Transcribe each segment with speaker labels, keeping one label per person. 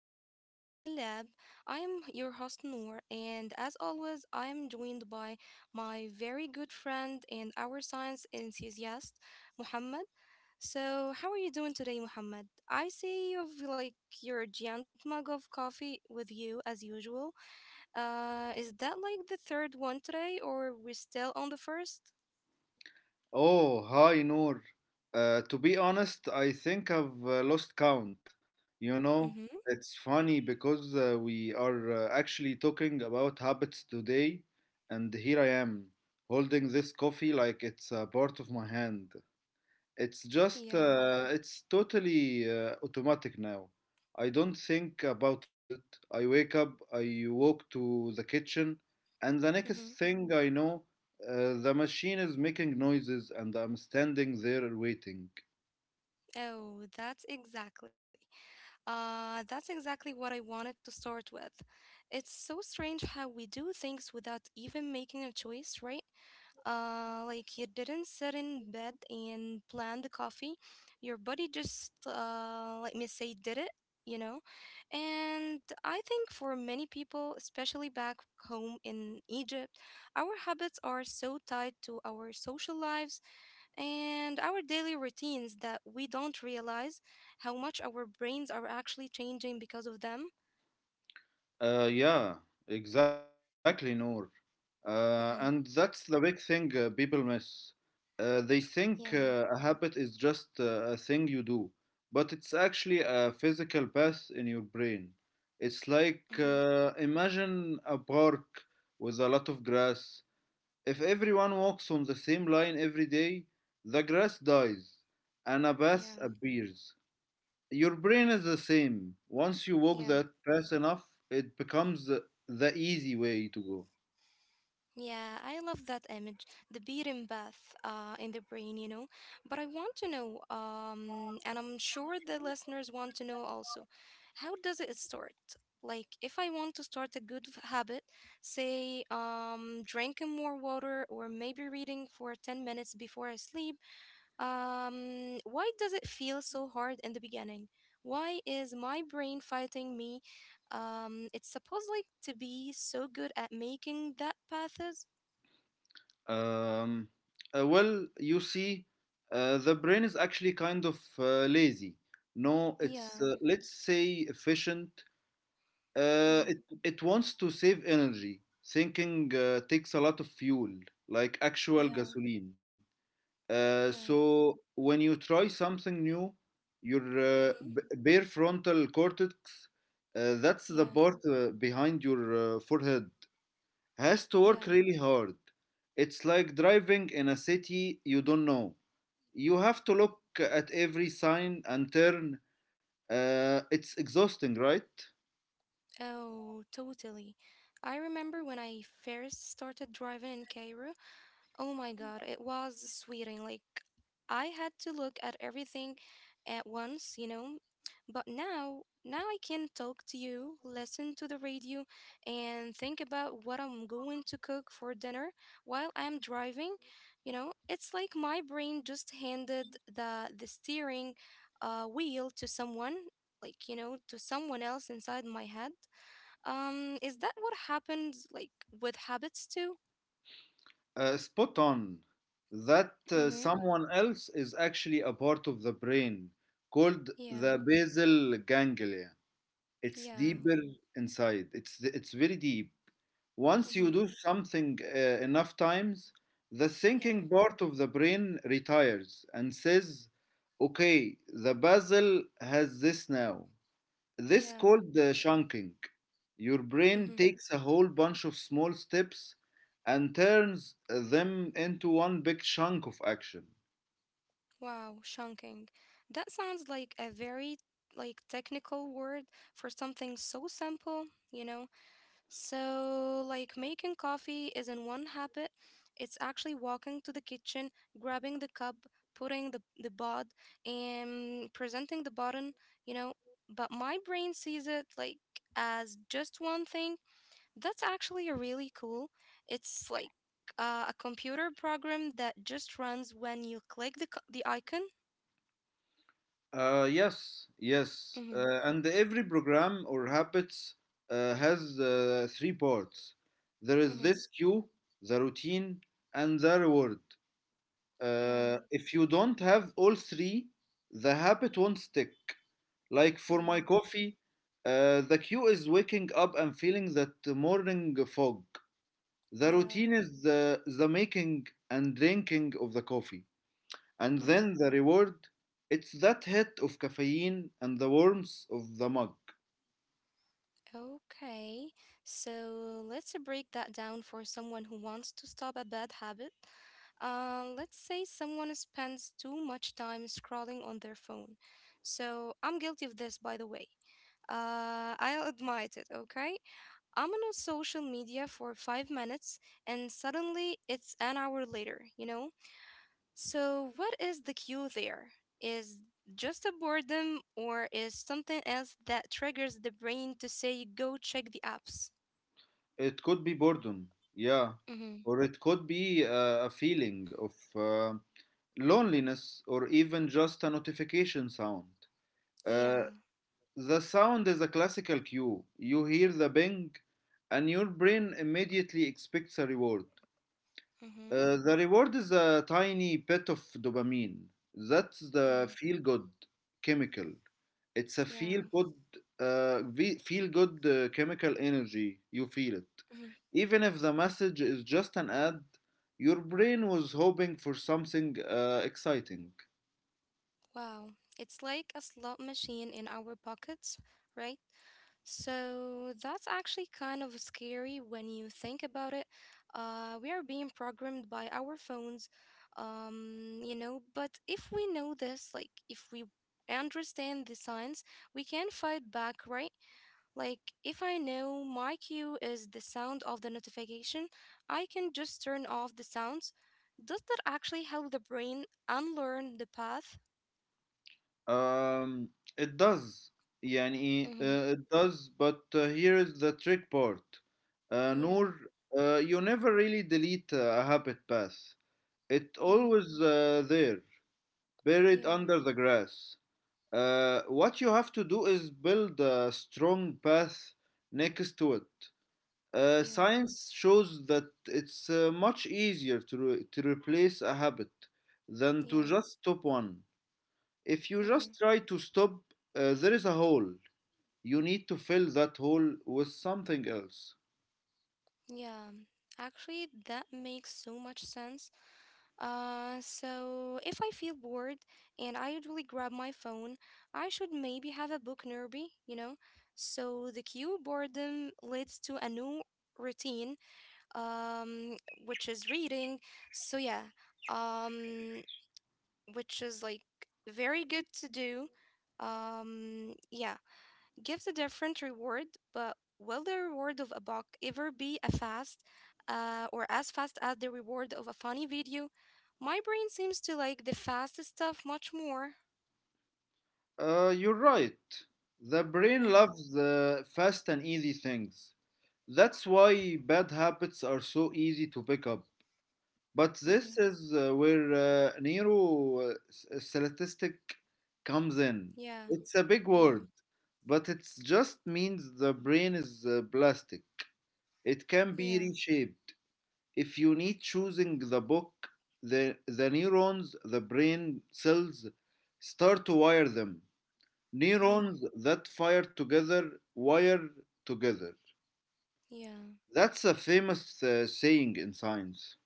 Speaker 1: episode of Beyond the Lab. I am your host Noor, and as always, I am joined by my very good friend and our science enthusiast, Muhammad. So, how are you doing today, Muhammad? I see you've like your giant mug of coffee with you as usual. Is that like the third one today, or we're still on the first?
Speaker 2: Oh, hi Noor. To be honest, I think I've lost count. You know,
Speaker 1: Mm-hmm.
Speaker 2: it's funny because we are actually talking about habits today, and here I am holding this coffee like it's a part of my hand. It's just,
Speaker 1: Yeah.
Speaker 2: it's totally automatic now. I don't think about it. I wake up, I walk to the kitchen, and the next
Speaker 1: Mm-hmm.
Speaker 2: thing I know, the machine is making noises and I'm standing there waiting.
Speaker 1: Oh, that's exactly. That's exactly what I wanted to start with. It's so strange how we do things without even making a choice, right? Like you didn't sit in bed and plan the coffee. Your body just, let me say, did it, you know? And I think for many people, especially back home in Egypt, our habits are so tied to our social lives and our daily routines that we don't realize how much our brains are actually changing because of them.
Speaker 2: Yeah, exactly, Noor. And
Speaker 1: Mm-hmm.
Speaker 2: that's the big thing people miss. They think
Speaker 1: Yeah.
Speaker 2: a habit is just a thing you do, but it's actually a physical path in your brain. It's like
Speaker 1: Mm-hmm.
Speaker 2: imagine a park with a lot of grass. If everyone walks on the same line every day, the grass dies and a
Speaker 1: Yeah.
Speaker 2: path appears. Your brain is the same. Once you walk
Speaker 1: Yeah.
Speaker 2: that fast enough, it becomes the easy way to
Speaker 1: Yeah. I love that image, the beating bath in the brain, you know. But I want to know, and I'm sure the listeners want to know also, how does it start? Like, if I want to start a habit, say, drinking more water or maybe reading for 10 minutes before I sleep. Why does it feel so hard in the beginning? Why is my brain fighting me? It's supposed like to be so good at making that pathes.
Speaker 2: go. Well, you see, the brain is actually kind of lazy. No,
Speaker 1: Yeah.
Speaker 2: it's let's say efficient.
Speaker 1: Mm-hmm.
Speaker 2: Uh, it it wants to save energy. Thinking takes a lot of fuel, like actual
Speaker 1: Yeah.
Speaker 2: gasoline. Uh,
Speaker 1: Yeah.
Speaker 2: so when you try something new, your
Speaker 1: Mm-hmm.
Speaker 2: bare frontal cortex, that's the
Speaker 1: Yeah.
Speaker 2: part behind your forehead, has to work
Speaker 1: Yeah.
Speaker 2: really hard. It's like driving in a city you don't know. You have to look at every sign and turn. It's exhausting, right?
Speaker 1: Oh, totally. I remember when I first started driving in Cairo. Oh my god, it was sweating. Like I had to look at everything at once, you know. But now, now I can talk to you, listen to the radio, and think about what I'm going to cook for dinner while I'm driving. You know, it's like my brain just handed the steering wheel to someone, like you know, to someone else inside my head. Is that what happens like with habits too?
Speaker 2: Spot on. That
Speaker 1: Mm-hmm.
Speaker 2: someone else is actually a part of the brain called the
Speaker 1: Yeah.
Speaker 2: basal ganglia. It's
Speaker 1: Yeah.
Speaker 2: deeper inside. It's very deep. Once
Speaker 1: Mm-hmm.
Speaker 2: you do something enough times, the thinking
Speaker 1: Yeah.
Speaker 2: part of the brain retires and says, "Okay, the puzzle has this now." This
Speaker 1: Yeah.
Speaker 2: called the chunking. Your
Speaker 1: Mm-hmm.
Speaker 2: brain takes a whole bunch of small steps and turns them into one big chunk of action.
Speaker 1: Wow, chunking. That sounds like a very like technical word for something so simple, you know? So, like making coffee isn't one habit. It's actually walking to the kitchen, grabbing the cup, putting the pod, and presenting the button, you know? But my brain sees it like as just one thing. That's actually really cool. It's like a computer program that just runs when you click the icon.
Speaker 2: Yes, yes.
Speaker 1: Mm-hmm.
Speaker 2: And every program or habits has three parts. There is
Speaker 1: Mm-hmm.
Speaker 2: this cue, the routine, and the reward.
Speaker 1: Yeah.
Speaker 2: If you don't have all three, the habit won't stick. Like for my
Speaker 1: Yeah.
Speaker 2: coffee, the cue is waking up and feeling that morning fog. The
Speaker 1: Yeah.
Speaker 2: routine is the making and drinking of the coffee. And then
Speaker 1: Mm-hmm.
Speaker 2: the reward, it's that hit of caffeine and the warmth of the mug.
Speaker 1: Okay. So let's break that down for someone who wants to stop a bad habit. Let's say someone spends too much time scrolling on their phone. So I'm guilty of this, by the way. I'll admit it, okay? I'm on social media for 5 minutes and suddenly it's an hour later, you know? So, what is the cue there? Is just a boredom or is something else that triggers the brain to say, go check the apps?
Speaker 2: It could be boredom, yeah.
Speaker 1: Mm-hmm.
Speaker 2: Or it could be a feeling of uh, loneliness or even just a notification sound. Uh,
Speaker 1: Yeah.
Speaker 2: the sound is a classical cue. You hear the bing, and your brain immediately expects a reward.
Speaker 1: Mm-hmm.
Speaker 2: The reward is a tiny bit of dopamine. That's the
Speaker 1: Yeah.
Speaker 2: feel good chemical. It's a
Speaker 1: Yeah.
Speaker 2: feel good, uh, chemical energy. You feel it.
Speaker 1: Mm-hmm.
Speaker 2: Even if the message is just an ad, your brain was hoping for something exciting.
Speaker 1: Wow. It's like a slot machine in our pockets, right? So that's actually kind of scary when you think about it. We are being programmed by our phones, you know, but if we know this, like if we understand the signs, we can fight back, right? Like if I know my cue is the sound of the notification, I can just turn off the sounds. Does that actually help the brain unlearn the path?
Speaker 2: Um, it does. يعني
Speaker 1: Mm-hmm.
Speaker 2: it does, but here is the trick part.
Speaker 1: Yeah.
Speaker 2: Noor, you never really delete a habit path. It
Speaker 1: Mm-hmm.
Speaker 2: always there, buried
Speaker 1: Yeah.
Speaker 2: under the grass. What you have to do is build a strong path next to it. Uh,
Speaker 1: Yeah.
Speaker 2: science shows that it's much easier to, to replace a habit than to
Speaker 1: Yeah.
Speaker 2: just stop one. If you
Speaker 1: Mm-hmm.
Speaker 2: just try to stop, there is a hole. You need to fill that hole with something else.
Speaker 1: Yeah, actually, that makes so much sense. So if I feel bored and I usually grab my phone, I should maybe have a book nearby, you know? So the cue boredom leads to a new routine, um, which is reading. So yeah, um, which is like very good to do. Yeah, gives a different reward, but will the reward of a buck ever be a fast or as fast as the reward of a funny video? My brain seems to like the fast stuff much more.
Speaker 2: You're right. The brain
Speaker 1: Mm-hmm,
Speaker 2: loves the fast and easy things. That's why bad habits are so easy to pick up. But this
Speaker 1: mm-hmm.
Speaker 2: is where neurostatistic comes in.
Speaker 1: Yeah,
Speaker 2: It's a big
Speaker 1: yeah,
Speaker 2: word, but it just means the brain is plastic. It can
Speaker 1: yeah,
Speaker 2: be reshaped. If you need choosing the book, the neurons, the brain cells start to wire them.
Speaker 1: mm-hmm,
Speaker 2: Neurons that fire together wire together.
Speaker 1: yeah.
Speaker 2: That's a famous saying in science.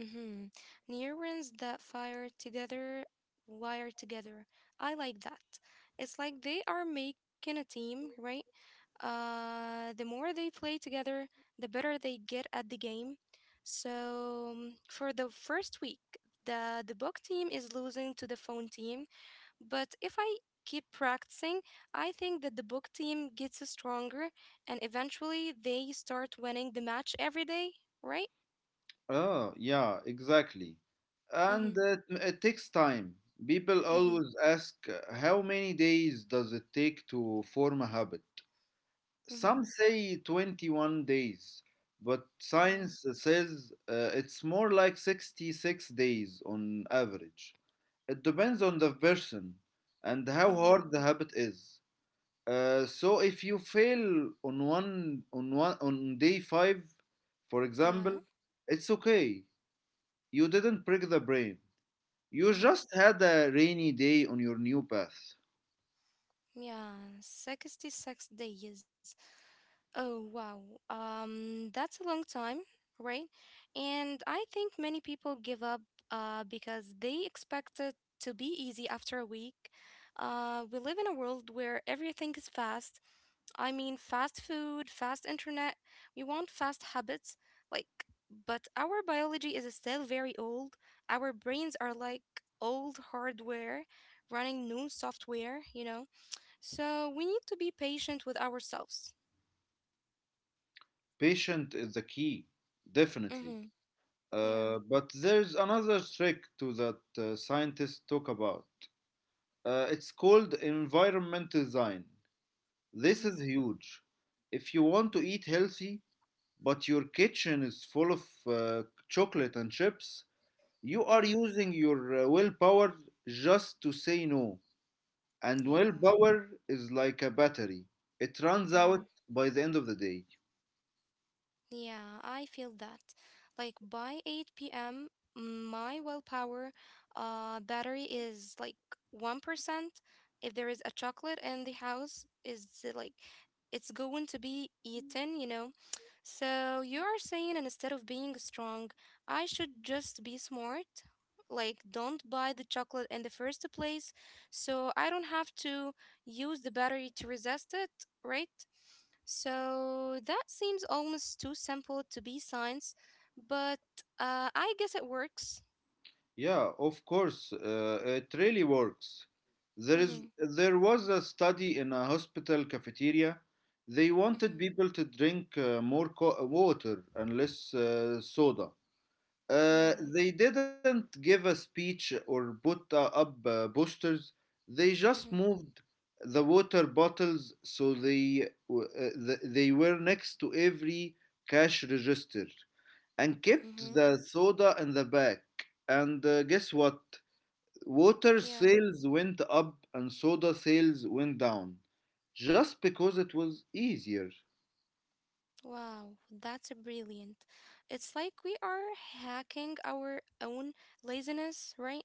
Speaker 1: Mm-hmm. Neurons that fire together, wire together. I like that. It's like they are making a team, right? The more they play together, the better they get at the game. So for the first week, the book team is losing to the phone team, but if I keep practicing, I think that the book team gets stronger and eventually they start winning the match every day, right?
Speaker 2: Oh, yeah, exactly. And
Speaker 1: Mm-hmm.
Speaker 2: it takes time. People
Speaker 1: Mm-hmm.
Speaker 2: always ask how many days does it take to form a habit? Some
Speaker 1: Mm-hmm.
Speaker 2: say 21 days, but
Speaker 1: Yeah.
Speaker 2: science says it's more like 66 days on average. It depends on the person and how
Speaker 1: Mm-hmm.
Speaker 2: hard the habit is. So if you fail on one on day five, for example,
Speaker 1: Yeah.
Speaker 2: it's okay. You didn't break the brain. You just
Speaker 1: Mm-hmm.
Speaker 2: had a rainy day on your new path.
Speaker 1: Yeah. 66 days. Oh, wow. That's a long time, right? And I think many people give up because they expect it to be easy after a week. We live in a world where everything is fast, I mean, fast food, fast internet, we want fast habits, like, but our biology is still very old. Our brains are like old hardware running new software, you know? So we need to be patient with ourselves.
Speaker 2: Patient is the key,
Speaker 1: Mm
Speaker 2: definitely.
Speaker 1: hmm. Yeah.
Speaker 2: But there's another trick to that scientists talk about. It's called environmental design.
Speaker 1: Mm
Speaker 2: This
Speaker 1: hmm.
Speaker 2: is huge. If you want to eat healthy, but your kitchen is full of uh, chocolate and chips, you
Speaker 1: Mm
Speaker 2: are
Speaker 1: hmm.
Speaker 2: using your willpower just to say no. And
Speaker 1: Yeah.
Speaker 2: willpower is like a battery, it runs
Speaker 1: Mm hmm.
Speaker 2: out by the end of the day.
Speaker 1: Yeah, I feel that. Like by 8 p.m., my willpower battery is like 1%. If there is a chocolate in the house, is like it's going to be eaten, you know? So you are saying instead of being strong, I should just be smart? Like, don't buy the chocolate in the first place, so I don't have to use the battery to resist it, right? So that seems almost too simple to be science, but I guess it works.
Speaker 2: Yeah, of course, it really works. There is
Speaker 1: Mm-hmm,
Speaker 2: there was a study in a hospital cafeteria. They
Speaker 1: mm-hmm,
Speaker 2: wanted people to drink water and less soda. Uh,
Speaker 1: yeah.
Speaker 2: they didn't give a speech or put up posters. They just
Speaker 1: Mm-hmm,
Speaker 2: moved the water bottles so they they were next to every cash register and
Speaker 1: mm-hmm,
Speaker 2: kept the soda in the back. And guess what? Water
Speaker 1: yeah.
Speaker 2: sales went up and soda sales went down just because it was easier.
Speaker 1: Wow, that's a brilliant. It's like we are hacking our own laziness, right?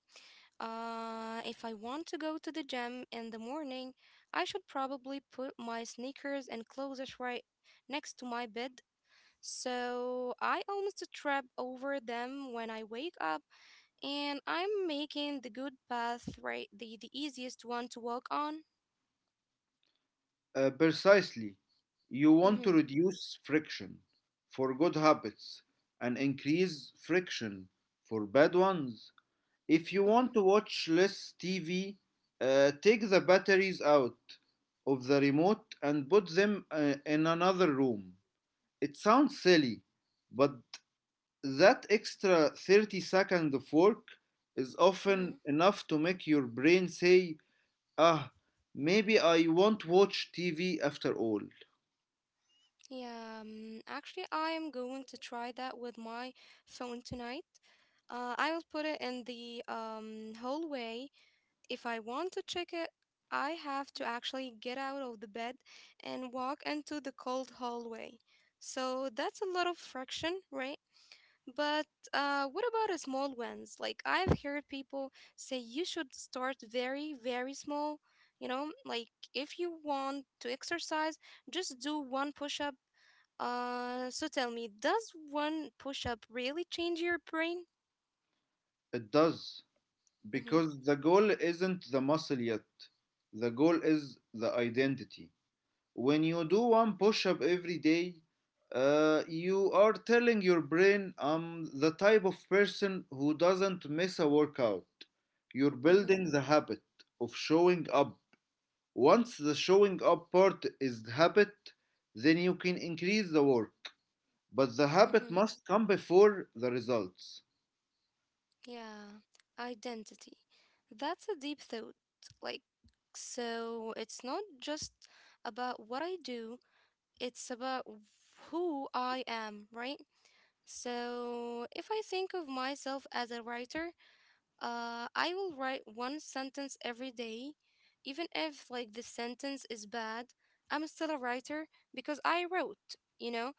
Speaker 1: If I want to go to the gym in the morning, I should probably put my sneakers and clothes right next to my bed so I almost trip over them when I wake up, and I'm making the good path right the easiest one to walk on.
Speaker 2: Precisely. You want to
Speaker 1: Mm-hmm,
Speaker 2: reduce friction for good habits and increase friction for bad ones. If you
Speaker 1: mm-hmm,
Speaker 2: want to watch less TV, take the batteries out of the remote and put them in another room. It sounds silly, but that extra 30 second of work is often
Speaker 1: mm-hmm.
Speaker 2: enough to make your brain say, ah, maybe I won't watch TV after all.
Speaker 1: Yeah, actually, I am going to try that with my phone tonight. I will put it in the hallway. If I want to check it, I have to actually get out of the bed and walk into the cold hallway. So that's a lot of friction, right? But what about a small ones? Like I've heard people say you should start very, very small. You know, like if you want to exercise, just do one push up. So tell me, does one push up really change your brain?
Speaker 2: It does.
Speaker 1: Mm-hmm,
Speaker 2: Because the goal isn't the muscle yet. The goal is the identity. When you do one push up every day, you are telling your brain, I'm the type of person who doesn't miss a workout. You're
Speaker 1: mm-hmm,
Speaker 2: building the habit of showing up. Once the showing up part is the habit, then you can increase the work. But the habit
Speaker 1: mm-hmm.
Speaker 2: must come before the results.
Speaker 1: Yeah, identity. That's a deep thought. Like, so it's not just about what I do, it's about who I am, right? So, if I think of myself as a writer, I will write one sentence every day, even if like the sentence is bad. I'm still a writer because I wrote, you know.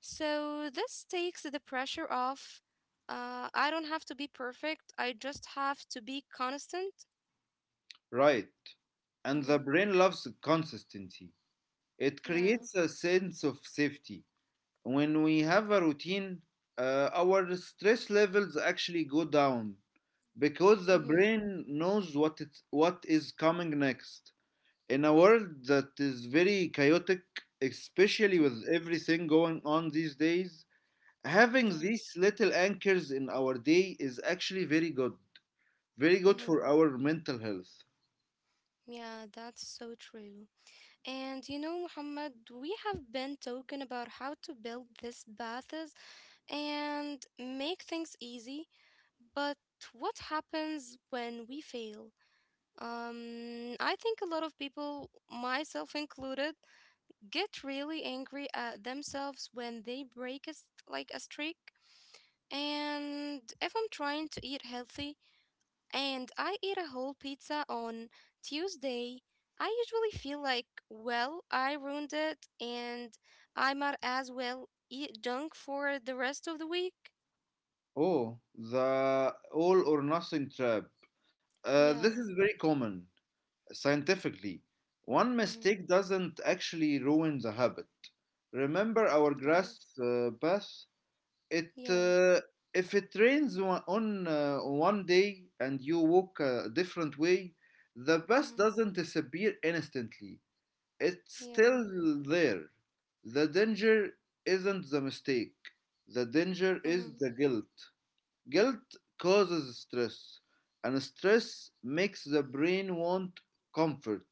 Speaker 1: So this takes the pressure off. I don't have to be perfect. I just have to be constant.
Speaker 2: Right. And the
Speaker 1: Mm-hmm.
Speaker 2: brain loves consistency. It
Speaker 1: Yeah.
Speaker 2: creates a sense of safety. When we have a routine, our stress levels actually go down because the
Speaker 1: Mm-hmm.
Speaker 2: brain knows what is coming next. In a world that is very chaotic, especially with
Speaker 1: Mm-hmm.
Speaker 2: everything going on these days, having
Speaker 1: Yeah.
Speaker 2: these little anchors in our day is actually very good. Very good
Speaker 1: Mm-hmm.
Speaker 2: for our mental health.
Speaker 1: Yeah. That's so true. And you know, Muhammad, we have been talking about how to build these paths and make things easy, but what happens when we fail? I think a lot of people, myself included, get really angry at themselves when they break like a streak. And if I'm trying to eat healthy and I ate a whole pizza on Tuesday, I usually feel like, well, I ruined it and I might as well eat junk for the rest of the week.
Speaker 2: Oh, the all or nothing trap. This is
Speaker 1: Yeah.
Speaker 2: very common scientifically. One
Speaker 1: Mm-hmm.
Speaker 2: mistake doesn't actually ruin the habit. Remember our
Speaker 1: Yeah.
Speaker 2: grass path? It
Speaker 1: Yeah.
Speaker 2: If it rains on one day and you walk a different way, the path
Speaker 1: Mm-hmm.
Speaker 2: doesn't disappear instantly. It's
Speaker 1: Yeah.
Speaker 2: still there. The danger isn't the mistake. The danger
Speaker 1: Mm-hmm.
Speaker 2: is the guilt. Guilt causes stress, and stress makes the brain want comfort,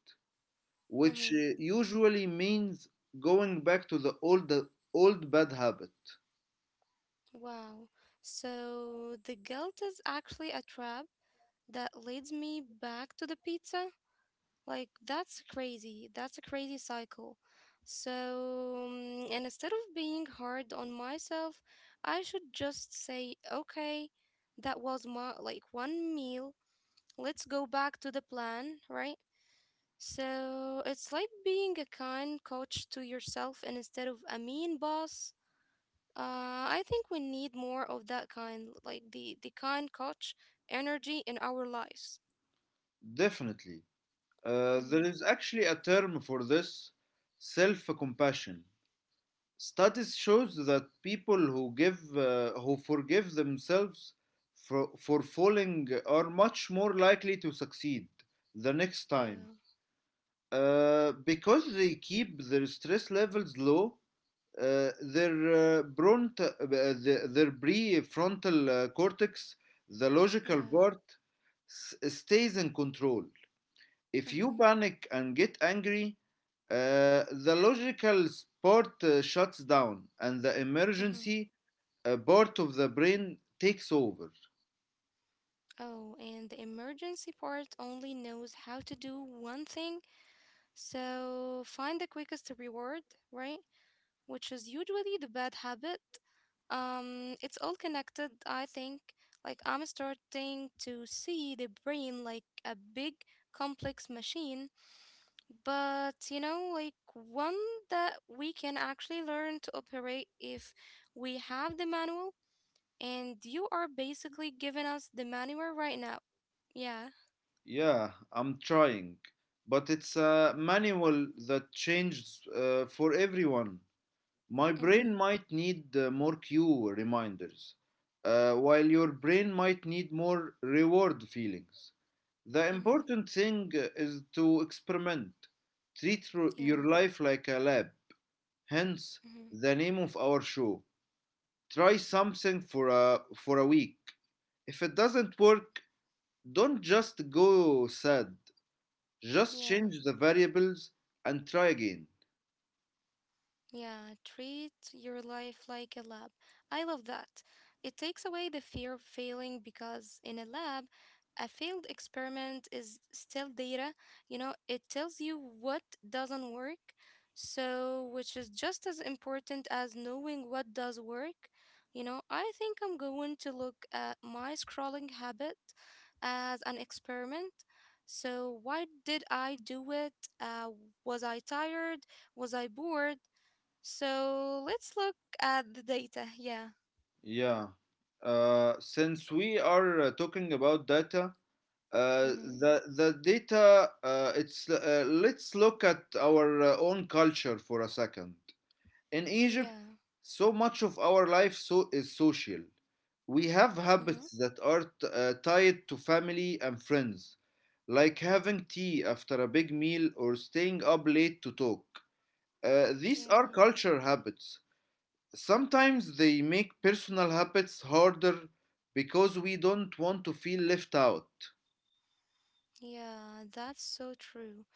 Speaker 2: which
Speaker 1: Mm-hmm.
Speaker 2: usually means going back to the old bad habit.
Speaker 1: Wow. So the guilt is actually a trap that leads me back to the pizza. Like that's crazy. That's a crazy cycle. So, mm, and instead of being hard on myself, I should just say, okay, that was my like one meal. Let's go back to the plan, right? So it's like being a kind coach to yourself and instead of a mean boss. I think we need more of that kind, like the kind coach energy in our lives.
Speaker 2: Definitely. There
Speaker 1: Mm-hmm.
Speaker 2: is actually a term for this, self-compassion. Studies shows that people who give who forgive themselves for falling are much more likely to succeed the next
Speaker 1: Yeah,
Speaker 2: time. Because they keep their stress levels low, their prefrontal cortex, the logical
Speaker 1: yeah.
Speaker 2: part, stays in control. If
Speaker 1: Mm-hmm.
Speaker 2: you panic and get angry, the logical part shuts down, and the
Speaker 1: Mm-hmm.
Speaker 2: emergency part of the brain takes over.
Speaker 1: Oh, and the emergency part only knows how to do one thing, so find the quickest reward, right? Which is usually the bad habit. It's all connected, I think. Like, I'm starting to see the brain like a big, complex machine, but you know, like one that we can actually learn to operate if we have the manual, and you are basically giving us the manual right now. Yeah.
Speaker 2: Yeah, I'm trying, but it's a manual that changes for everyone. My
Speaker 1: Mm-hmm.
Speaker 2: brain might need more cue reminders, while your brain might need more reward feelings. The
Speaker 1: Mm-hmm.
Speaker 2: important thing is to experiment. Treat your
Speaker 1: Yeah.
Speaker 2: life like a lab, hence
Speaker 1: Mm-hmm.
Speaker 2: the name of our show. Try something for for a week. If it doesn't work, don't just go sad. Just change
Speaker 1: Yeah.
Speaker 2: the variables and try again.
Speaker 1: Yeah, treat your life like a lab. I love that. It takes away the fear of failing because in a lab, a failed experiment is still data. You know, it tells you what doesn't work. So, which is just as important as knowing what does work. You know, I think I'm going to look at my scrolling habit as an experiment. So, why did I do it? Uh, was I tired? Was I bored? So let's look at the data. Yeah.
Speaker 2: Yeah. Since we are talking about data, Uh,
Speaker 1: Mm-hmm.
Speaker 2: the data, it's let's look at our own culture for a second in
Speaker 1: Yeah.
Speaker 2: Egypt. So much of our life, so is social. We have
Speaker 1: Mm-hmm.
Speaker 2: habits that are tied to family and friends, like having tea after a big meal or staying up late to talk. These are
Speaker 1: Yeah.
Speaker 2: culture habits. Sometimes they make personal habits harder because we don't want to feel left out.
Speaker 1: Yeah. That's so true.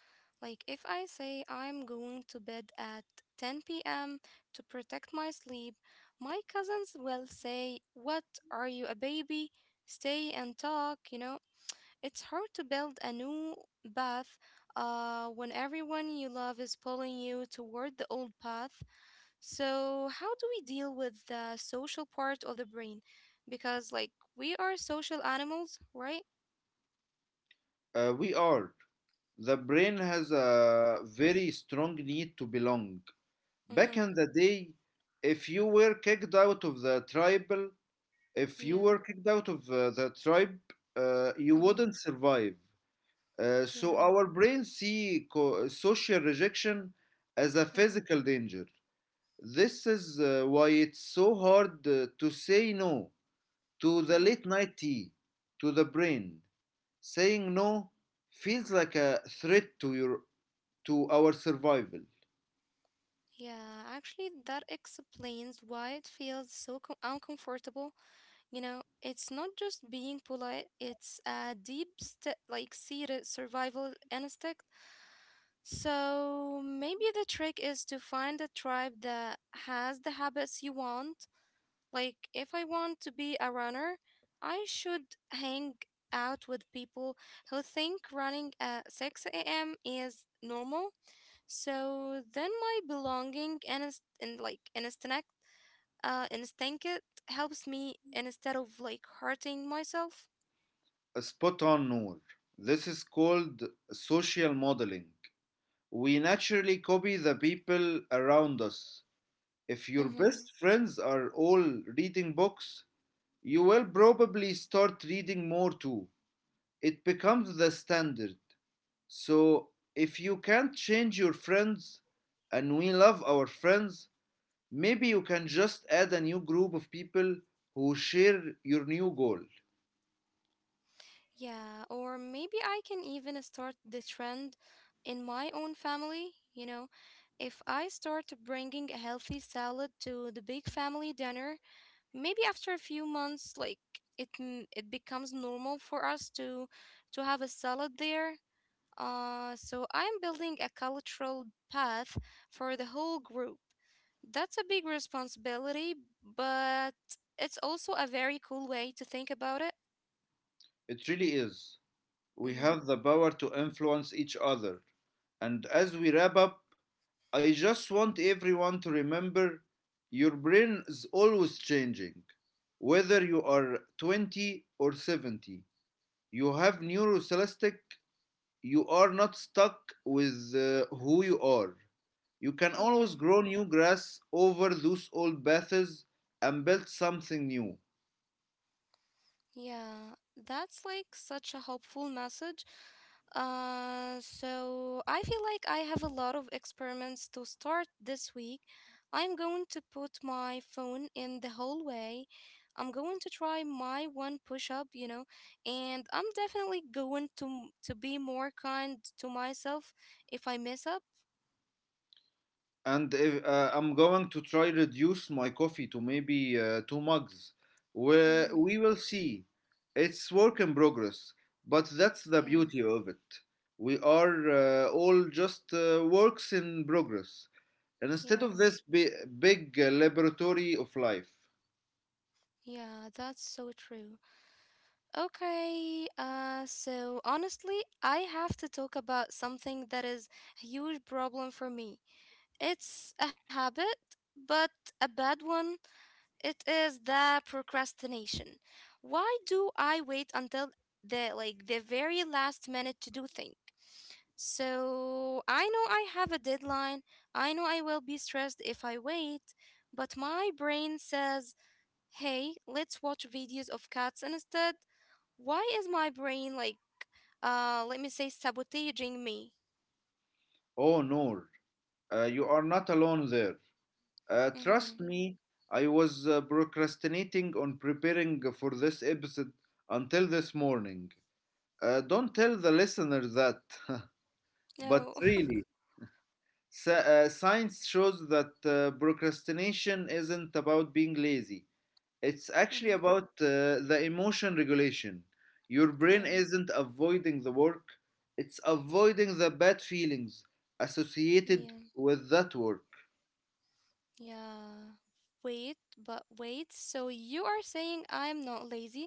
Speaker 1: Like, if I say I'm going to bed at 10 p.m. to protect my sleep, my cousins will say, "What? Are you a baby? Stay and talk? It's hard to build a new path when everyone you love is pulling you toward the old path. So, how do we deal with the social part of the brain? Because, like, we are social animals, right?
Speaker 2: We are, the brain has a very strong need to belong. Back
Speaker 1: Mm-hmm.
Speaker 2: in the day, if you were kicked out of the tribal, if you
Speaker 1: Yeah.
Speaker 2: were kicked out of the tribe, you
Speaker 1: Mm-hmm.
Speaker 2: wouldn't survive. So
Speaker 1: Yeah.
Speaker 2: our brains see social rejection as a
Speaker 1: Mm-hmm.
Speaker 2: physical danger. This is why it's so hard to say no to the
Speaker 1: Yeah.
Speaker 2: late night tea, to the brain. Saying no feels like a threat to your, to our survival.
Speaker 1: Yeah. Actually, that explains why it feels so uncomfortable. You know, it's not just being polite, it's a deep, like, seated survival instinct. So, maybe the trick is to find a tribe that has the habits you want. Like, if I want to be a runner, I should hang out with people who think running at 6 a.m. is normal. So then my belonging instinct it helps me instead of like hurting myself.
Speaker 2: Spot on, Noor. This is called social modeling. We naturally copy the people around us. If
Speaker 1: Mm-hmm.
Speaker 2: your best friends are all reading books, you will probably start reading more too. It becomes the standard. So, if you can't change your friends, and we love our friends, maybe you can just add a new group of people who share your new goal.
Speaker 1: Yeah, or maybe I can even start the trend in my own family. If I start bringing a healthy salad to the big family dinner, maybe after a few months, like it becomes normal for us to have a salad there. So I'm building a cultural path for the whole group. That's a big responsibility, but it's also a very cool way to think about it.
Speaker 2: It really is. We
Speaker 1: Mm-hmm.
Speaker 2: have the power to influence each other. And as we wrap up, I just want everyone to remember your brain is always changing. Whether you are 20 or 70, you have neurocelastic, you are not stuck with who you are. You can always
Speaker 1: Yeah,
Speaker 2: grow new grass over those old paths and build something new.
Speaker 1: yeah, that's like such a hopeful message. So I feel like I have a lot of experiments to start this week. I'm going to put my phone in the hallway. I'm going to try my one push up, and I'm definitely going to be more kind to myself if I mess up.
Speaker 2: And if, I'm going to try reduce my coffee to maybe two mugs. We
Speaker 1: Mm-hmm.
Speaker 2: we will see. It's work in progress, but that's the
Speaker 1: Yeah,
Speaker 2: beauty of it. We are all just works in progress. And instead of
Speaker 1: yeah,
Speaker 2: this big laboratory of life,
Speaker 1: yeah, that's so true. Okay, so honestly, I have to talk about something that is a huge problem for me. It's a habit, but a bad one. It is the procrastination. Why do I wait until the very last minute to do things? So I know I have a deadline. I know I will be stressed if I wait, but my brain says, "Hey, let's watch videos of cats instead." Why is my brain like let me say sabotaging me?
Speaker 2: oh Noor, you are not alone there.
Speaker 1: Mhm.
Speaker 2: Trust me, I was procrastinating on preparing for this episode until this morning. Don't tell the listener that, but
Speaker 1: No.
Speaker 2: really, science shows that procrastination isn't about being lazy. It's
Speaker 1: Mhm.
Speaker 2: actually about the emotion regulation. Your brain
Speaker 1: Yeah.
Speaker 2: isn't avoiding the work, it's avoiding the bad feelings associated
Speaker 1: Yeah.
Speaker 2: with that work.
Speaker 1: Yeah. Wait. So you are saying I'm not lazy?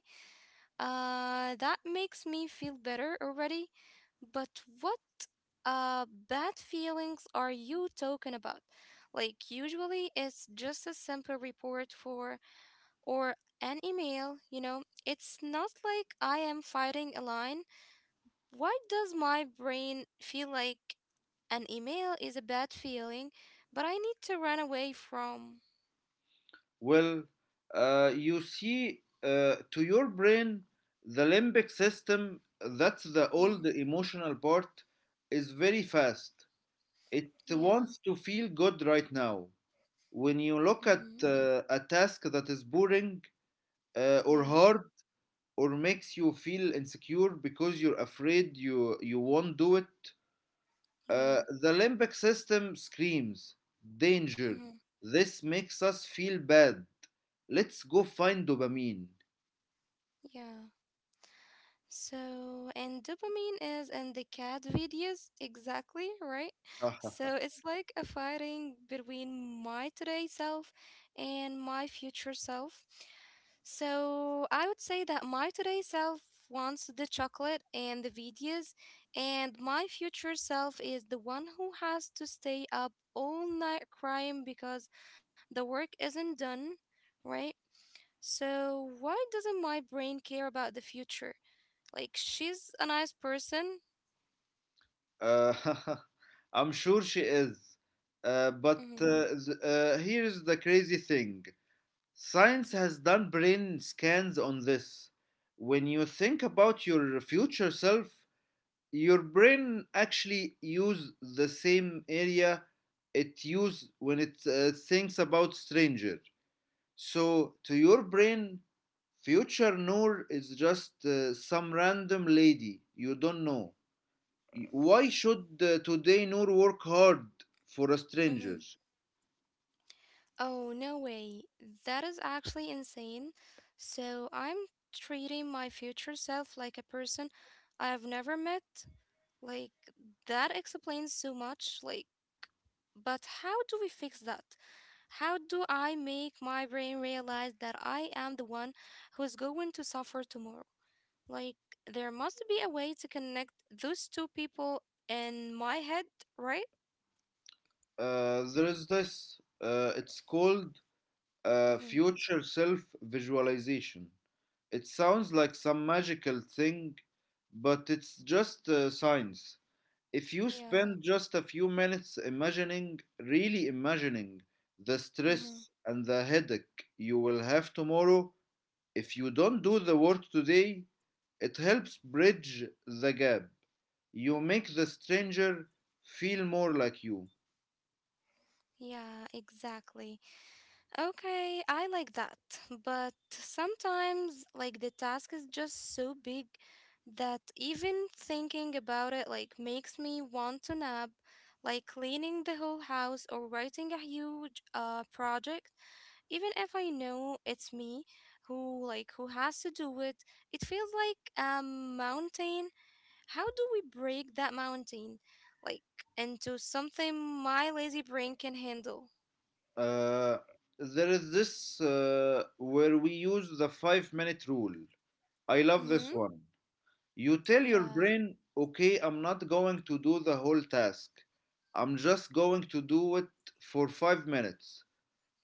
Speaker 1: That makes me feel better already. But what bad feelings are you talking about? Like usually it's just a simple report for or an email, you know? It's not like I am fighting a line. Why does my brain feel like an email is a bad feeling, but I need to run away from?
Speaker 2: Well, you see, to your brain, the limbic system, that's the
Speaker 1: Mhm.
Speaker 2: old emotional part, is very fast it
Speaker 1: Yeah.
Speaker 2: wants to feel good right now. When you look at
Speaker 1: Mm-hmm.
Speaker 2: a task that is boring or
Speaker 1: Yeah,
Speaker 2: hard or makes you feel insecure because you're afraid you won't do it,
Speaker 1: yeah,
Speaker 2: the limbic system screams danger.
Speaker 1: mm-hmm,
Speaker 2: This makes us feel bad. Let's go find dopamine.
Speaker 1: yeah. So, and dopamine is in the cat videos, exactly, right?
Speaker 2: Haha.
Speaker 1: So it's like a fighting between my today self and my future self. So I would say that my today self wants the chocolate and the videos, and my future self is the one who has to stay up all night crying because the work isn't done, right? So, why doesn't my brain care about the future? Like, she's a nice person.
Speaker 2: Uh, I'm sure she is.
Speaker 1: Hmm.
Speaker 2: Here's the crazy thing. Science has done brain scans on this. When you think about your future self, your brain actually use the same area it use when it thinks about stranger. So to your brain, future Noor is just some random lady you don't know. Why should today Noor work hard for a
Speaker 1: Hmm.
Speaker 2: stranger?
Speaker 1: Oh, no way. That is actually insane. So, I'm treating my future self like a person I've never met. Like, that explains so much. Like, but how do we fix that? How do I make my brain realize that I am the one who is going to suffer tomorrow? Like, there must be a way to connect those two people in my head, right?
Speaker 2: There is this. It's called
Speaker 1: Mm-hmm.
Speaker 2: future self visualization. It sounds like some magical thing, but it's just science. If you
Speaker 1: Yeah.
Speaker 2: spend just a few minutes imagining, really imagining, the stress
Speaker 1: Mm-hmm.
Speaker 2: and the headache you will have tomorrow, if you don't do the work today, it helps bridge the gap. You make the stranger feel more like you.
Speaker 1: Yeah, exactly. Okay, I like that. But sometimes, like, the task is just so big that even thinking about it, like, makes me want to nap, like cleaning the whole house or writing a huge project. Even if I know it's me who has to do it, it feels like a mountain. How do we break that mountain like into something my lazy brain can handle?
Speaker 2: Uh, there is this where we use the 5-minute rule. I love this
Speaker 1: Mhm.
Speaker 2: one. You tell your
Speaker 1: Yeah.
Speaker 2: brain, okay, I'm not going to do the whole task. I'm just going to do it for 5 minutes.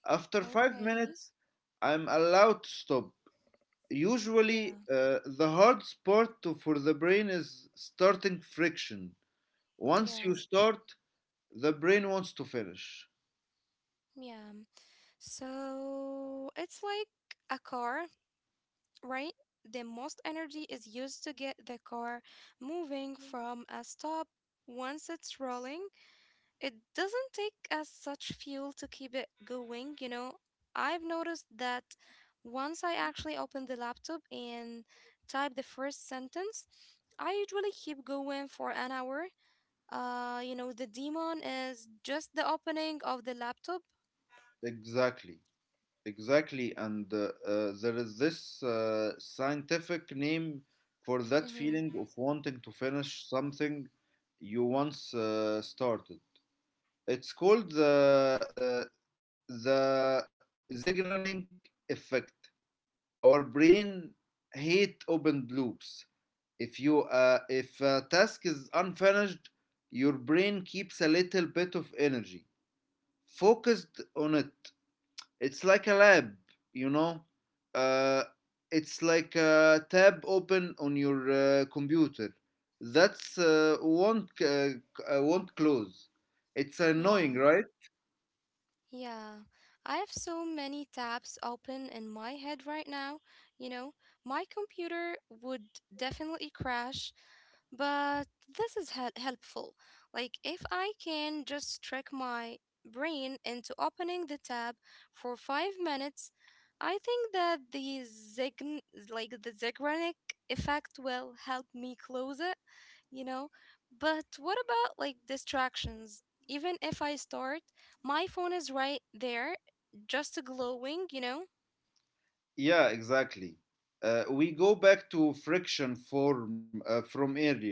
Speaker 2: After five
Speaker 1: Okay.
Speaker 2: minutes, I'm allowed to stop. Usually,
Speaker 1: Yeah.
Speaker 2: the hard part for the brain is starting friction. Once you
Speaker 1: Yeah.
Speaker 2: start, the brain wants to finish.
Speaker 1: Yeah. So it's like a car, right? The most energy is used to get the car moving from a stop. Once it's rolling, it doesn't take as such fuel to keep it going, you know. I've noticed that once I actually open the laptop and type the first sentence, I usually keep going for an hour. You know, the demon is just the opening of the laptop.
Speaker 2: Exactly. Exactly, and there is this scientific name for that
Speaker 1: Mm-hmm.
Speaker 2: feeling of wanting to finish something you once started. It's called the Zeigarnik effect. Our brain hate open loops. If you if a task is unfinished, your brain keeps a little bit of energy focused on it it's like a lab, you know. Uh, it's like a tab open on your computer. That's won't close. It's annoying,
Speaker 1: Yeah,
Speaker 2: right?
Speaker 1: yeah. I have so many tabs open in my head right now. You know, my computer would definitely crash. But this is helpful. Like, if I can just trick my brain into opening the tab for 5 minutes, I think that the zign like the Zeigarnik effect will help me close it, you know? But what about like distractions? Even if I start, my phone is right there, just glowing, you know?
Speaker 2: Yeah, exactly. We go back to friction form from earlier.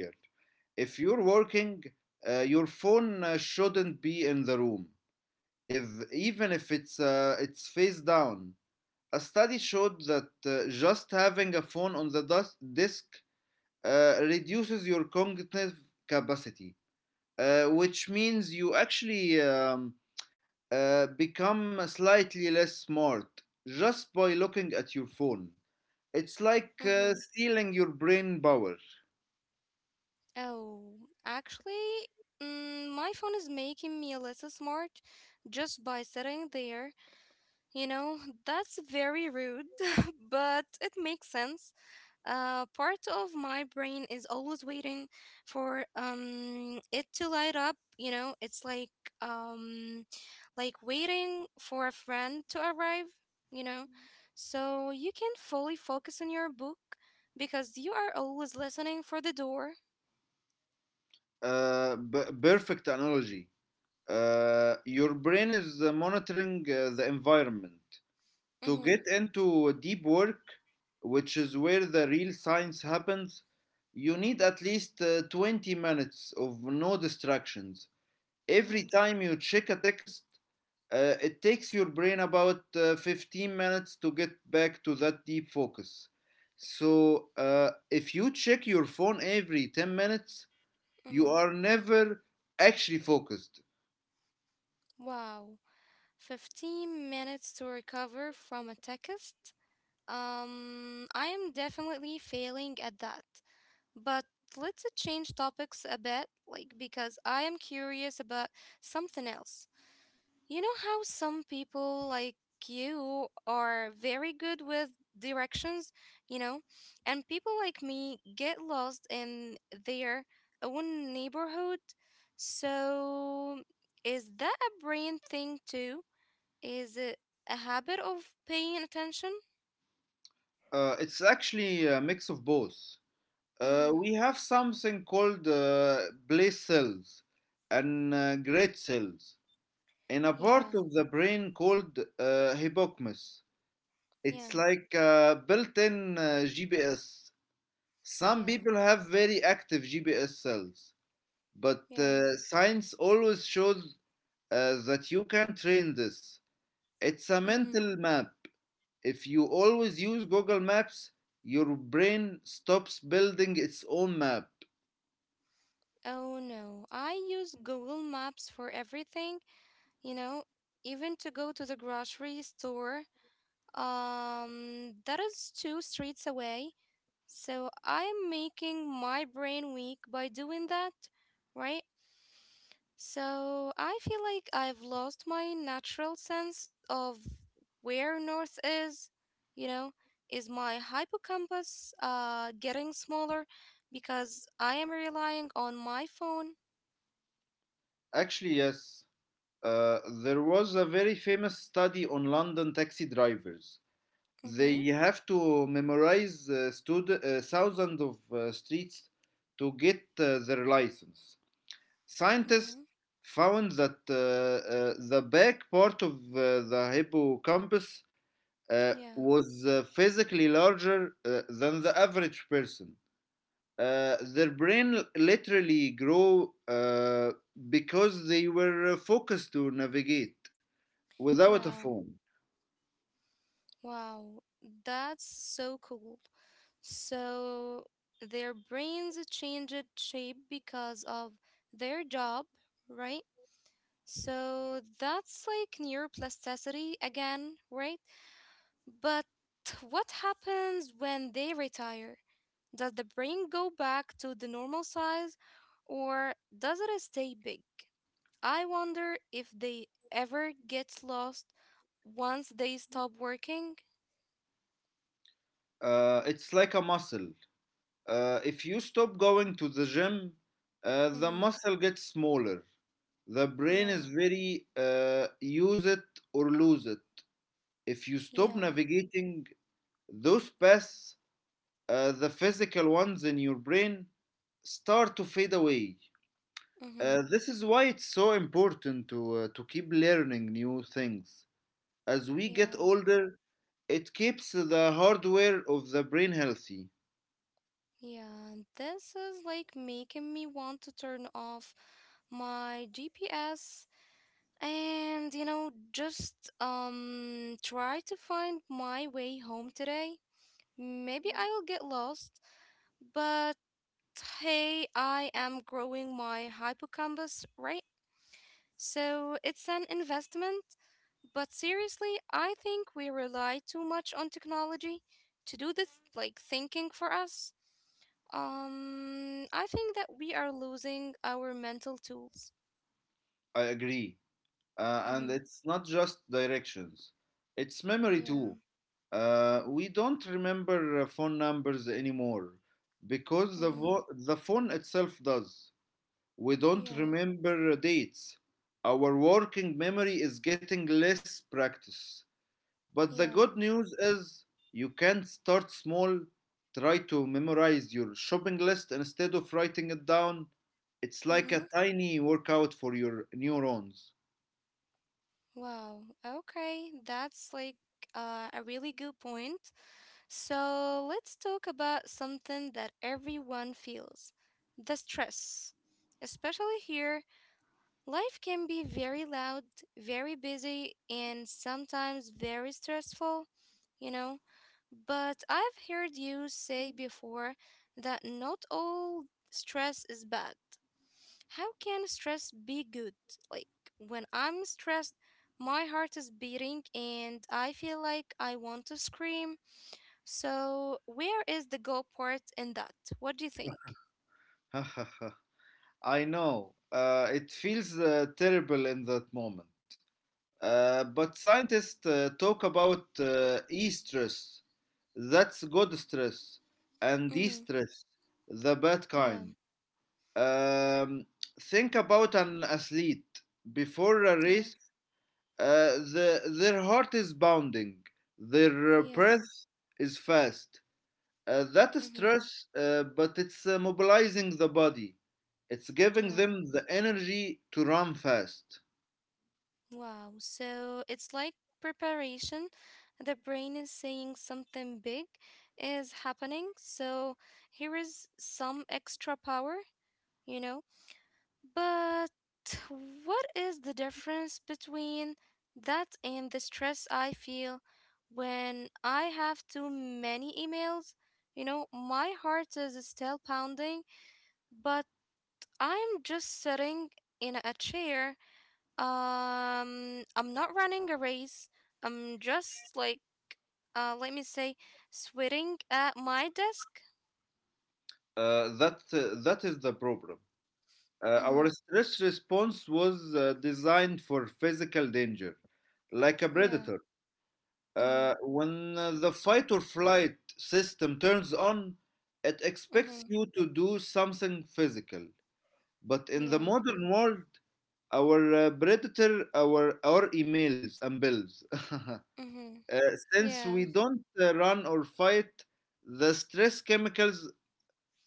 Speaker 2: If you're working, your phone shouldn't be in the room. If even if it's face down, a study showed that just having a phone on the disk reduces your cognitive capacity, which means you actually become slightly less smart just by looking at your phone. It's like
Speaker 1: Mm-hmm.
Speaker 2: stealing your brain power.
Speaker 1: Oh, actually, my phone is making me less smart just by sitting there. You know, that's very rude, but it makes sense. Part of my brain is always waiting for it to light up. You know, it's um like waiting for a friend to arrive. You know, so you can not fully focus on your book because you are always listening for the door.
Speaker 2: Perfect analogy. Your brain is monitoring the environment. To
Speaker 1: Mm-hmm,
Speaker 2: get into deep work, which is where the real science happens, you need at least 20 minutes of no distractions. Every
Speaker 1: mm-hmm.
Speaker 2: time you check a text, it takes your brain about 15 minutes to get back to that deep focus. So, if you check your phone every 10 minutes, you
Speaker 1: Mhm.
Speaker 2: are never actually focused.
Speaker 1: Wow, 15 minutes to recover from a text? I am definitely failing at that. But let's change topics a bit, like because I am curious about something else. You know how some people, like, you are very good with directions, you know, and people like me get lost in their own neighborhood. So, is that a brain thing too? Is it a habit of paying attention?
Speaker 2: It's actually a mix of both.
Speaker 1: Mm-hmm.
Speaker 2: We have something called bliss cells and great cells in a part
Speaker 1: Yeah,
Speaker 2: of the brain called hippocampus.
Speaker 1: yeah,
Speaker 2: It's like a built-in GPS. Some
Speaker 1: yeah,
Speaker 2: people have very active GPS cells, but
Speaker 1: yeah.
Speaker 2: science always shows that you can train this. It's a
Speaker 1: Mm-hmm.
Speaker 2: mental map. If you always use Google Maps, your brain stops building its own map.
Speaker 1: Oh no, I use Google Maps for everything, you know, even to go to the grocery store. That is two streets away. So I'm making my brain weak by doing that, right? So I feel like I've lost my natural sense of where north is, you know? Is my hippocampus getting smaller because I am relying on my phone?
Speaker 2: Actually, yes. There was a very famous study on London taxi drivers.
Speaker 1: Mm-hmm.
Speaker 2: They have to memorize thousands of streets to get their license. Scientists
Speaker 1: Mm-hmm.
Speaker 2: found that the back part of the hippocampus
Speaker 1: Yeah.
Speaker 2: was physically larger than the average person. Their brain literally grew because they were focused to navigate without a
Speaker 1: Yeah.
Speaker 2: phone.
Speaker 1: Wow. That's so cool. So their brains changed shape because of their job, right? So that's like neuroplasticity again, right? But what happens when they retire? Does the brain go back to the normal size or does it stay big? I wonder if they ever get lost once they stop working.
Speaker 2: It's like a muscle. If you stop going to the gym, the
Speaker 1: Mm-hmm.
Speaker 2: muscle gets smaller. The brain is
Speaker 1: Yeah.
Speaker 2: very use it or lose it. If you stop
Speaker 1: Yeah.
Speaker 2: navigating those paths, the physical ones in your brain start to fade away.
Speaker 1: Mm-hmm.
Speaker 2: This is why it's so important to keep learning new things. As we get
Speaker 1: Yeah.
Speaker 2: older, it keeps the hardware of the brain healthy.
Speaker 1: Yeah, this is like making me want to turn off my GPS and, you know, just try to find my way home today. Maybe I will get lost, but hey, I am growing my hippocampus, right? So it's an investment, but seriously, I think we rely too much on technology to do this like thinking for us. I think that we are losing our mental tools.
Speaker 2: I agree. And
Speaker 1: Mm-hmm.
Speaker 2: it's not just directions, it's memory
Speaker 1: Yeah.
Speaker 2: too. We don't remember phone numbers anymore because
Speaker 1: Mm-hmm.
Speaker 2: the phone itself does. We don't
Speaker 1: Yeah.
Speaker 2: remember dates. Our working memory is getting less practice. But the good
Speaker 1: Yeah.
Speaker 2: news is you can start small. Try to memorize your shopping list instead of writing it down. It's like a
Speaker 1: Mm-hmm.
Speaker 2: tiny workout for your neurons.
Speaker 1: Wow. Okay. That's like a really good point. So let's talk about something that everyone feels: the stress. Especially here, life can be very loud, very busy, and sometimes very stressful, you know? But I've heard you say before that not all stress is bad. How can stress be good? Like, when I'm stressed, my heart is beating and I feel like I want to scream. So, where is the go part in that? What do you think?
Speaker 2: I know. It feels terrible in that moment. But scientists talk about e stress. That's good stress. And de
Speaker 1: Mm-hmm.
Speaker 2: stress, the bad
Speaker 1: Yeah,
Speaker 2: kind. Um, think about an athlete. Before a
Speaker 1: yeah,
Speaker 2: race, the, their heart is bounding, their
Speaker 1: yeah,
Speaker 2: breath is fast. That is
Speaker 1: mm-hmm,
Speaker 2: stress, but it's mobilizing the body. It's giving
Speaker 1: yeah.
Speaker 2: them the energy to run fast.
Speaker 1: Wow, so it's like preparation. The brain is saying something big is happening, so here is some extra power, you know? But what is the difference between that and the stress I feel when I have too many emails? You know, my heart is still pounding, but I'm just sitting in a chair. I'm not running a race. I'm just like, let me say, sweating at my desk.
Speaker 2: That that is the problem.
Speaker 1: Mm-hmm.
Speaker 2: Our stress response was designed for physical danger, like a
Speaker 1: Yeah.
Speaker 2: predator.
Speaker 1: Mm-hmm.
Speaker 2: When the fight or flight system turns on, it expects
Speaker 1: Mm-hmm.
Speaker 2: you to do something physical. But in the
Speaker 1: Yeah.
Speaker 2: modern world, our predator, our emails and bills. uh,
Speaker 1: Mm-hmm.
Speaker 2: since
Speaker 1: Yeah.
Speaker 2: we don't run or fight, the stress chemicals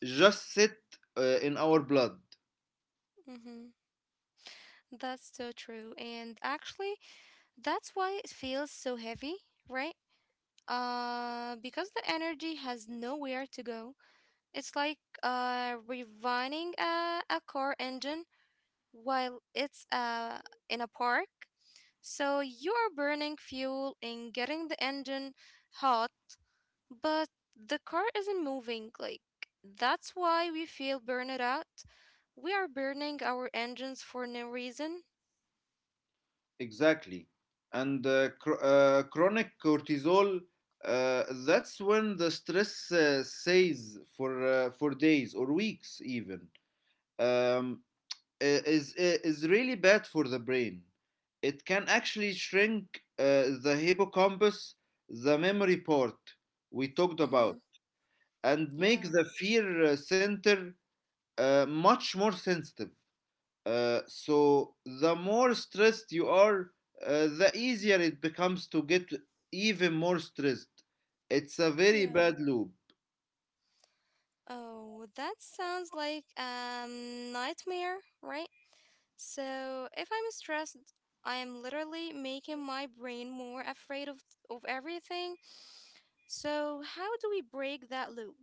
Speaker 2: just sit in our blood.
Speaker 1: Mm-hmm. That's so true. And actually, that's why it feels so heavy, right? Because the energy has nowhere to go. It's like reviving a car engine while it's in a park. So you are burning fuel and getting the engine hot, but the car isn't moving. Like, that's why we feel burned out. We are burning our engines for no reason.
Speaker 2: Exactly, and chronic cortisol. That's when the stress stays for days or weeks even. Um, is really bad for the brain. It can actually shrink the hippocampus, the memory part we talked
Speaker 1: Mm-hmm.
Speaker 2: about, and
Speaker 1: Yeah.
Speaker 2: make the fear center much more sensitive. So the more stressed you are, the easier it becomes to get even more stressed. It's a very
Speaker 1: Yeah.
Speaker 2: bad loop.
Speaker 1: Oh, that sounds like a nightmare, right? So if I'm stressed, I am literally making my brain more afraid of everything. So how do we break that loop?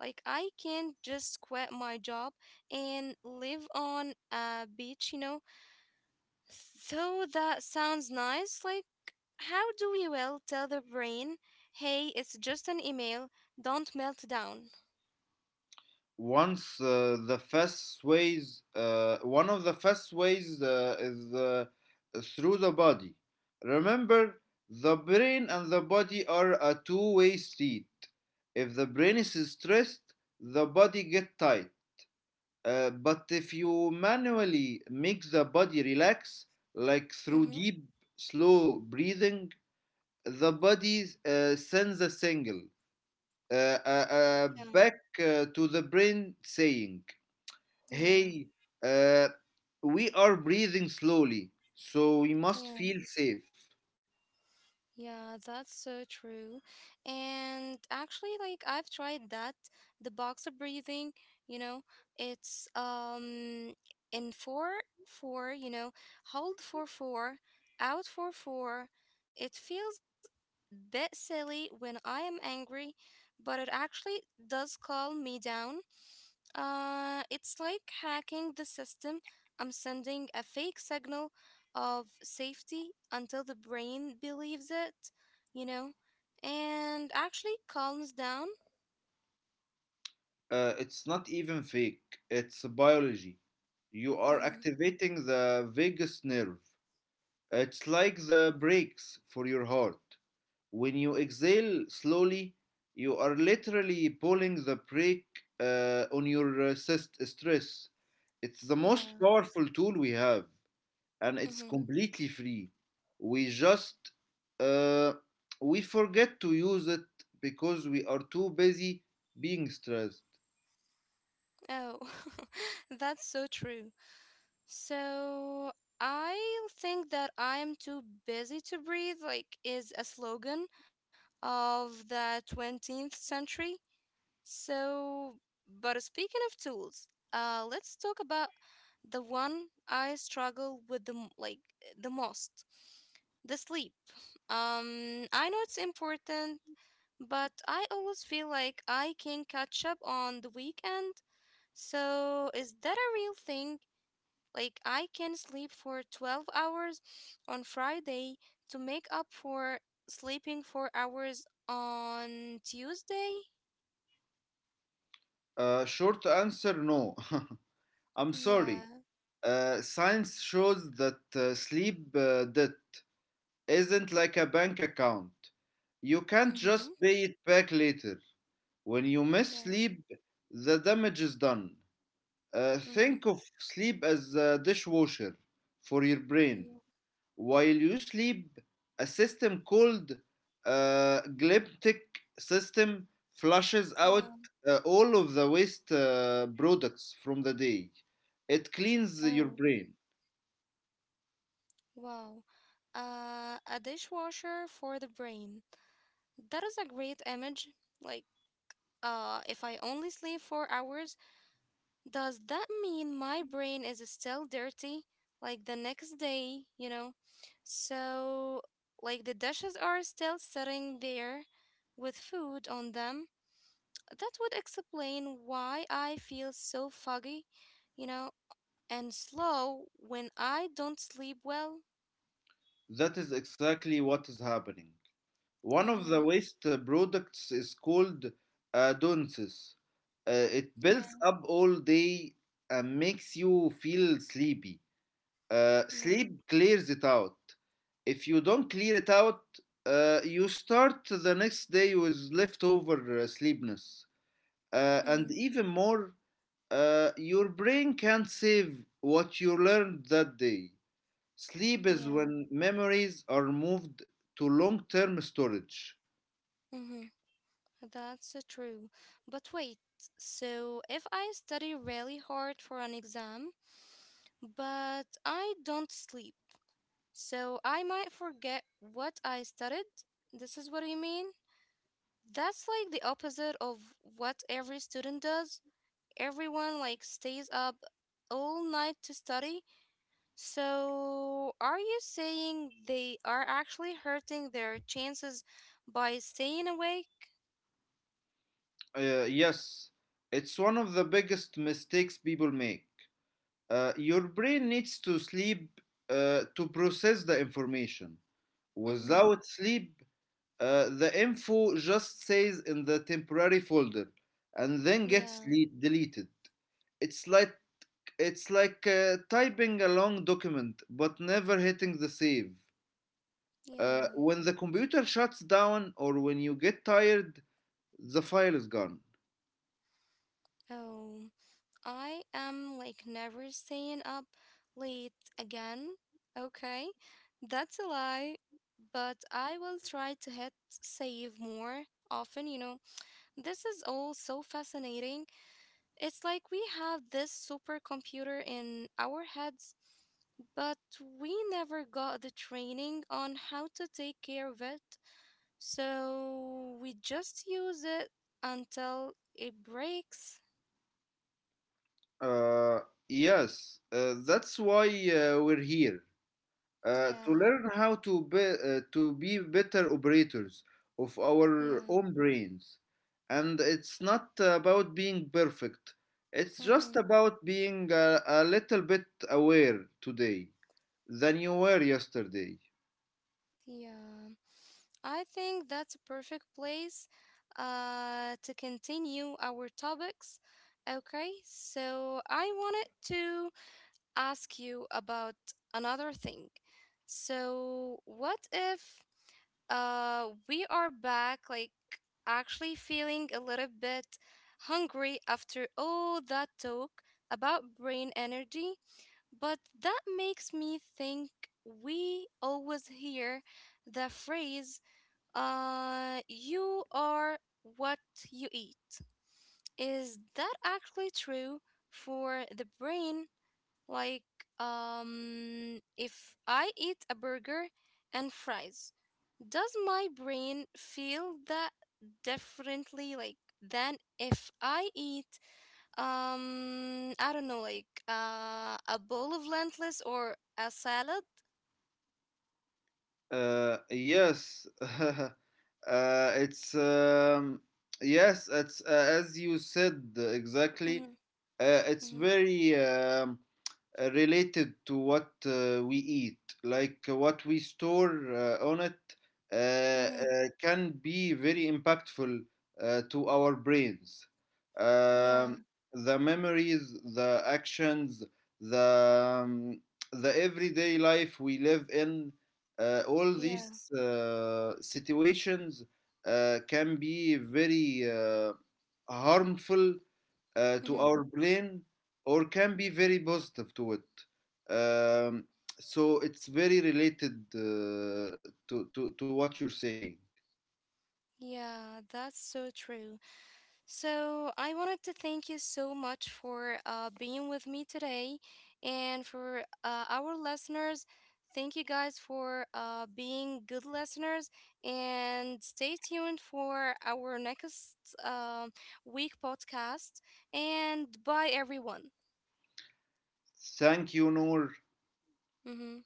Speaker 1: Like I can't just quit my job and live on a beach, you know. Though that sounds nice, like how do we well tell the brain, hey, it's just an email, don't melt down.
Speaker 2: Once the fast ways, one of the fast ways is through the body. Remember, the brain and the body are a two-way street. If the brain is stressed, the body gets tight. But if you manually make the body relax, like through
Speaker 1: Mm-hmm.
Speaker 2: deep, slow breathing, the body sends a signal back to the brain saying,
Speaker 1: Yeah.
Speaker 2: hey, uh, we are breathing slowly, so we must
Speaker 1: Yeah.
Speaker 2: feel safe.
Speaker 1: Yeah, that's so true. And actually, like I've tried that, the boxer breathing, you know, it's in four four, you know, hold for four, out for four. It feels bit silly when I am angry, but it actually does calm me down. It's like hacking the system. I'm sending a fake signal of safety until the brain believes it, you know, and actually calms down.
Speaker 2: It's not even fake, it's biology. You are
Speaker 1: Mm,
Speaker 2: activating the vagus nerve. It's like the brakes for your heart. When you exhale slowly, you are literally pulling the brake on your cyst stress. It's the most
Speaker 1: yeah.
Speaker 2: powerful tool we have. And it's
Speaker 1: Mm-hmm.
Speaker 2: completely free. We just uh, we forget to use it because we are too busy being stressed.
Speaker 1: Oh, that's so true. So I think that I'm too busy to breathe, like, is a slogan of the 20th century. So, but speaking of tools, let's talk about the one I struggle with the m- like the most, the sleep. I know it's important, but I always feel like I can catch up on the weekend. So, is that a real thing? Like I can sleep for 12 hours on Friday to make up for sleeping 4 hours on Tuesday?
Speaker 2: Short answer: no. I'm
Speaker 1: Yeah.
Speaker 2: sorry. Science shows that sleep that isn't like a bank account. You can't
Speaker 1: Mm-hmm.
Speaker 2: just pay it back later. When you
Speaker 1: Yeah.
Speaker 2: miss sleep, the damage is done.
Speaker 1: Mm-hmm.
Speaker 2: Think of sleep as a dishwasher for your brain.
Speaker 1: Yeah.
Speaker 2: While you sleep, a system called glyptic system flushes
Speaker 1: Yeah.
Speaker 2: out all of the waste products from the day. It cleans your
Speaker 1: Oh,
Speaker 2: brain.
Speaker 1: wow. A dishwasher for the brain. That is a great image. Like, if I only sleep 4 hours, does that mean my brain is still dirty? Like the next day, you know? So, like the dishes are still sitting there with food on them. That would explain why I feel so foggy, you know? And slow when I don't sleep well.
Speaker 2: That is exactly what is happening. One of
Speaker 1: Mm-hmm.
Speaker 2: the waste products is called adonsis. It
Speaker 1: Yeah,
Speaker 2: builds up all day and makes you feel sleepy.
Speaker 1: yeah,
Speaker 2: Sleep clears it out. If you don't clear it out, you start the next day with leftover sleepiness. And
Speaker 1: mm-hmm,
Speaker 2: even more, your brain can't save what you learned that day. Sleep is
Speaker 1: yeah,
Speaker 2: when memories are moved to long term storage.
Speaker 1: mm-hmm. That's true. But wait, so if I study really hard for an exam, but I don't sleep, so I might forget what I studied? This is what you mean? That's like the opposite of what every student does. Everyone like stays up all night to study. So, are you saying they are actually hurting their chances by staying awake?
Speaker 2: Yes, it's one of the biggest mistakes people make. Your brain needs to sleep to process the information.
Speaker 1: Mm-hmm.
Speaker 2: Without sleep, the info just stays in the temporary folder and then
Speaker 1: Yeah,
Speaker 2: deleted. It's like it's like typing a long document but never hitting the save.
Speaker 1: yeah.
Speaker 2: When the computer shuts down or when you get tired, the file is gone.
Speaker 1: Oh, I am like never staying up late again. Okay, that's a lie, but I will try to hit save more often, you know. This is all so fascinating. It's like we have this supercomputer in our heads, but we never got the training on how to take care of it. So we just use it until it breaks.
Speaker 2: Uh, yes, that's why we're here. uh, to
Speaker 1: Yeah,
Speaker 2: learn how to be, uh, to be better operators of
Speaker 1: yeah,
Speaker 2: our own brains. And it's not about being perfect, it's
Speaker 1: mm-hmm,
Speaker 2: just about being a little bit aware today than you were yesterday.
Speaker 1: yeah. I think that's a perfect place to continue our topics. Okay, so I wanted to ask you about another thing. So, what if we are back like actually feeling a little bit hungry after all that talk about brain energy? But that makes me think we always hear the phrase you are what you eat. Is that actually true for the brain, like, if I eat a burger and fries, does my brain feel that differently, like, than if I eat, I don't know, like, a bowl of lentils or a salad?
Speaker 2: Yes, uh, it's yes, it's as you said exactly.
Speaker 1: Mm-hmm,
Speaker 2: It's
Speaker 1: mm-hmm,
Speaker 2: very related to what we eat, like what we store on it,
Speaker 1: mm-hmm.
Speaker 2: can be very impactful to our brains.
Speaker 1: Yeah,
Speaker 2: Um, the memories, the actions, the um, the everyday life we live in, all
Speaker 1: yeah,
Speaker 2: these situations can be very harmful to
Speaker 1: mm-hmm.
Speaker 2: our brain or can be very positive to it. Um, so it's very related to what you're saying.
Speaker 1: Yeah, that's so true. So, I wanted to thank you so much for being with me today. And for our listeners, thank you guys for being good listeners. And stay tuned for our next uh, week podcast. And bye, everyone.
Speaker 2: Thank you, Noor,
Speaker 1: Mm-hmm.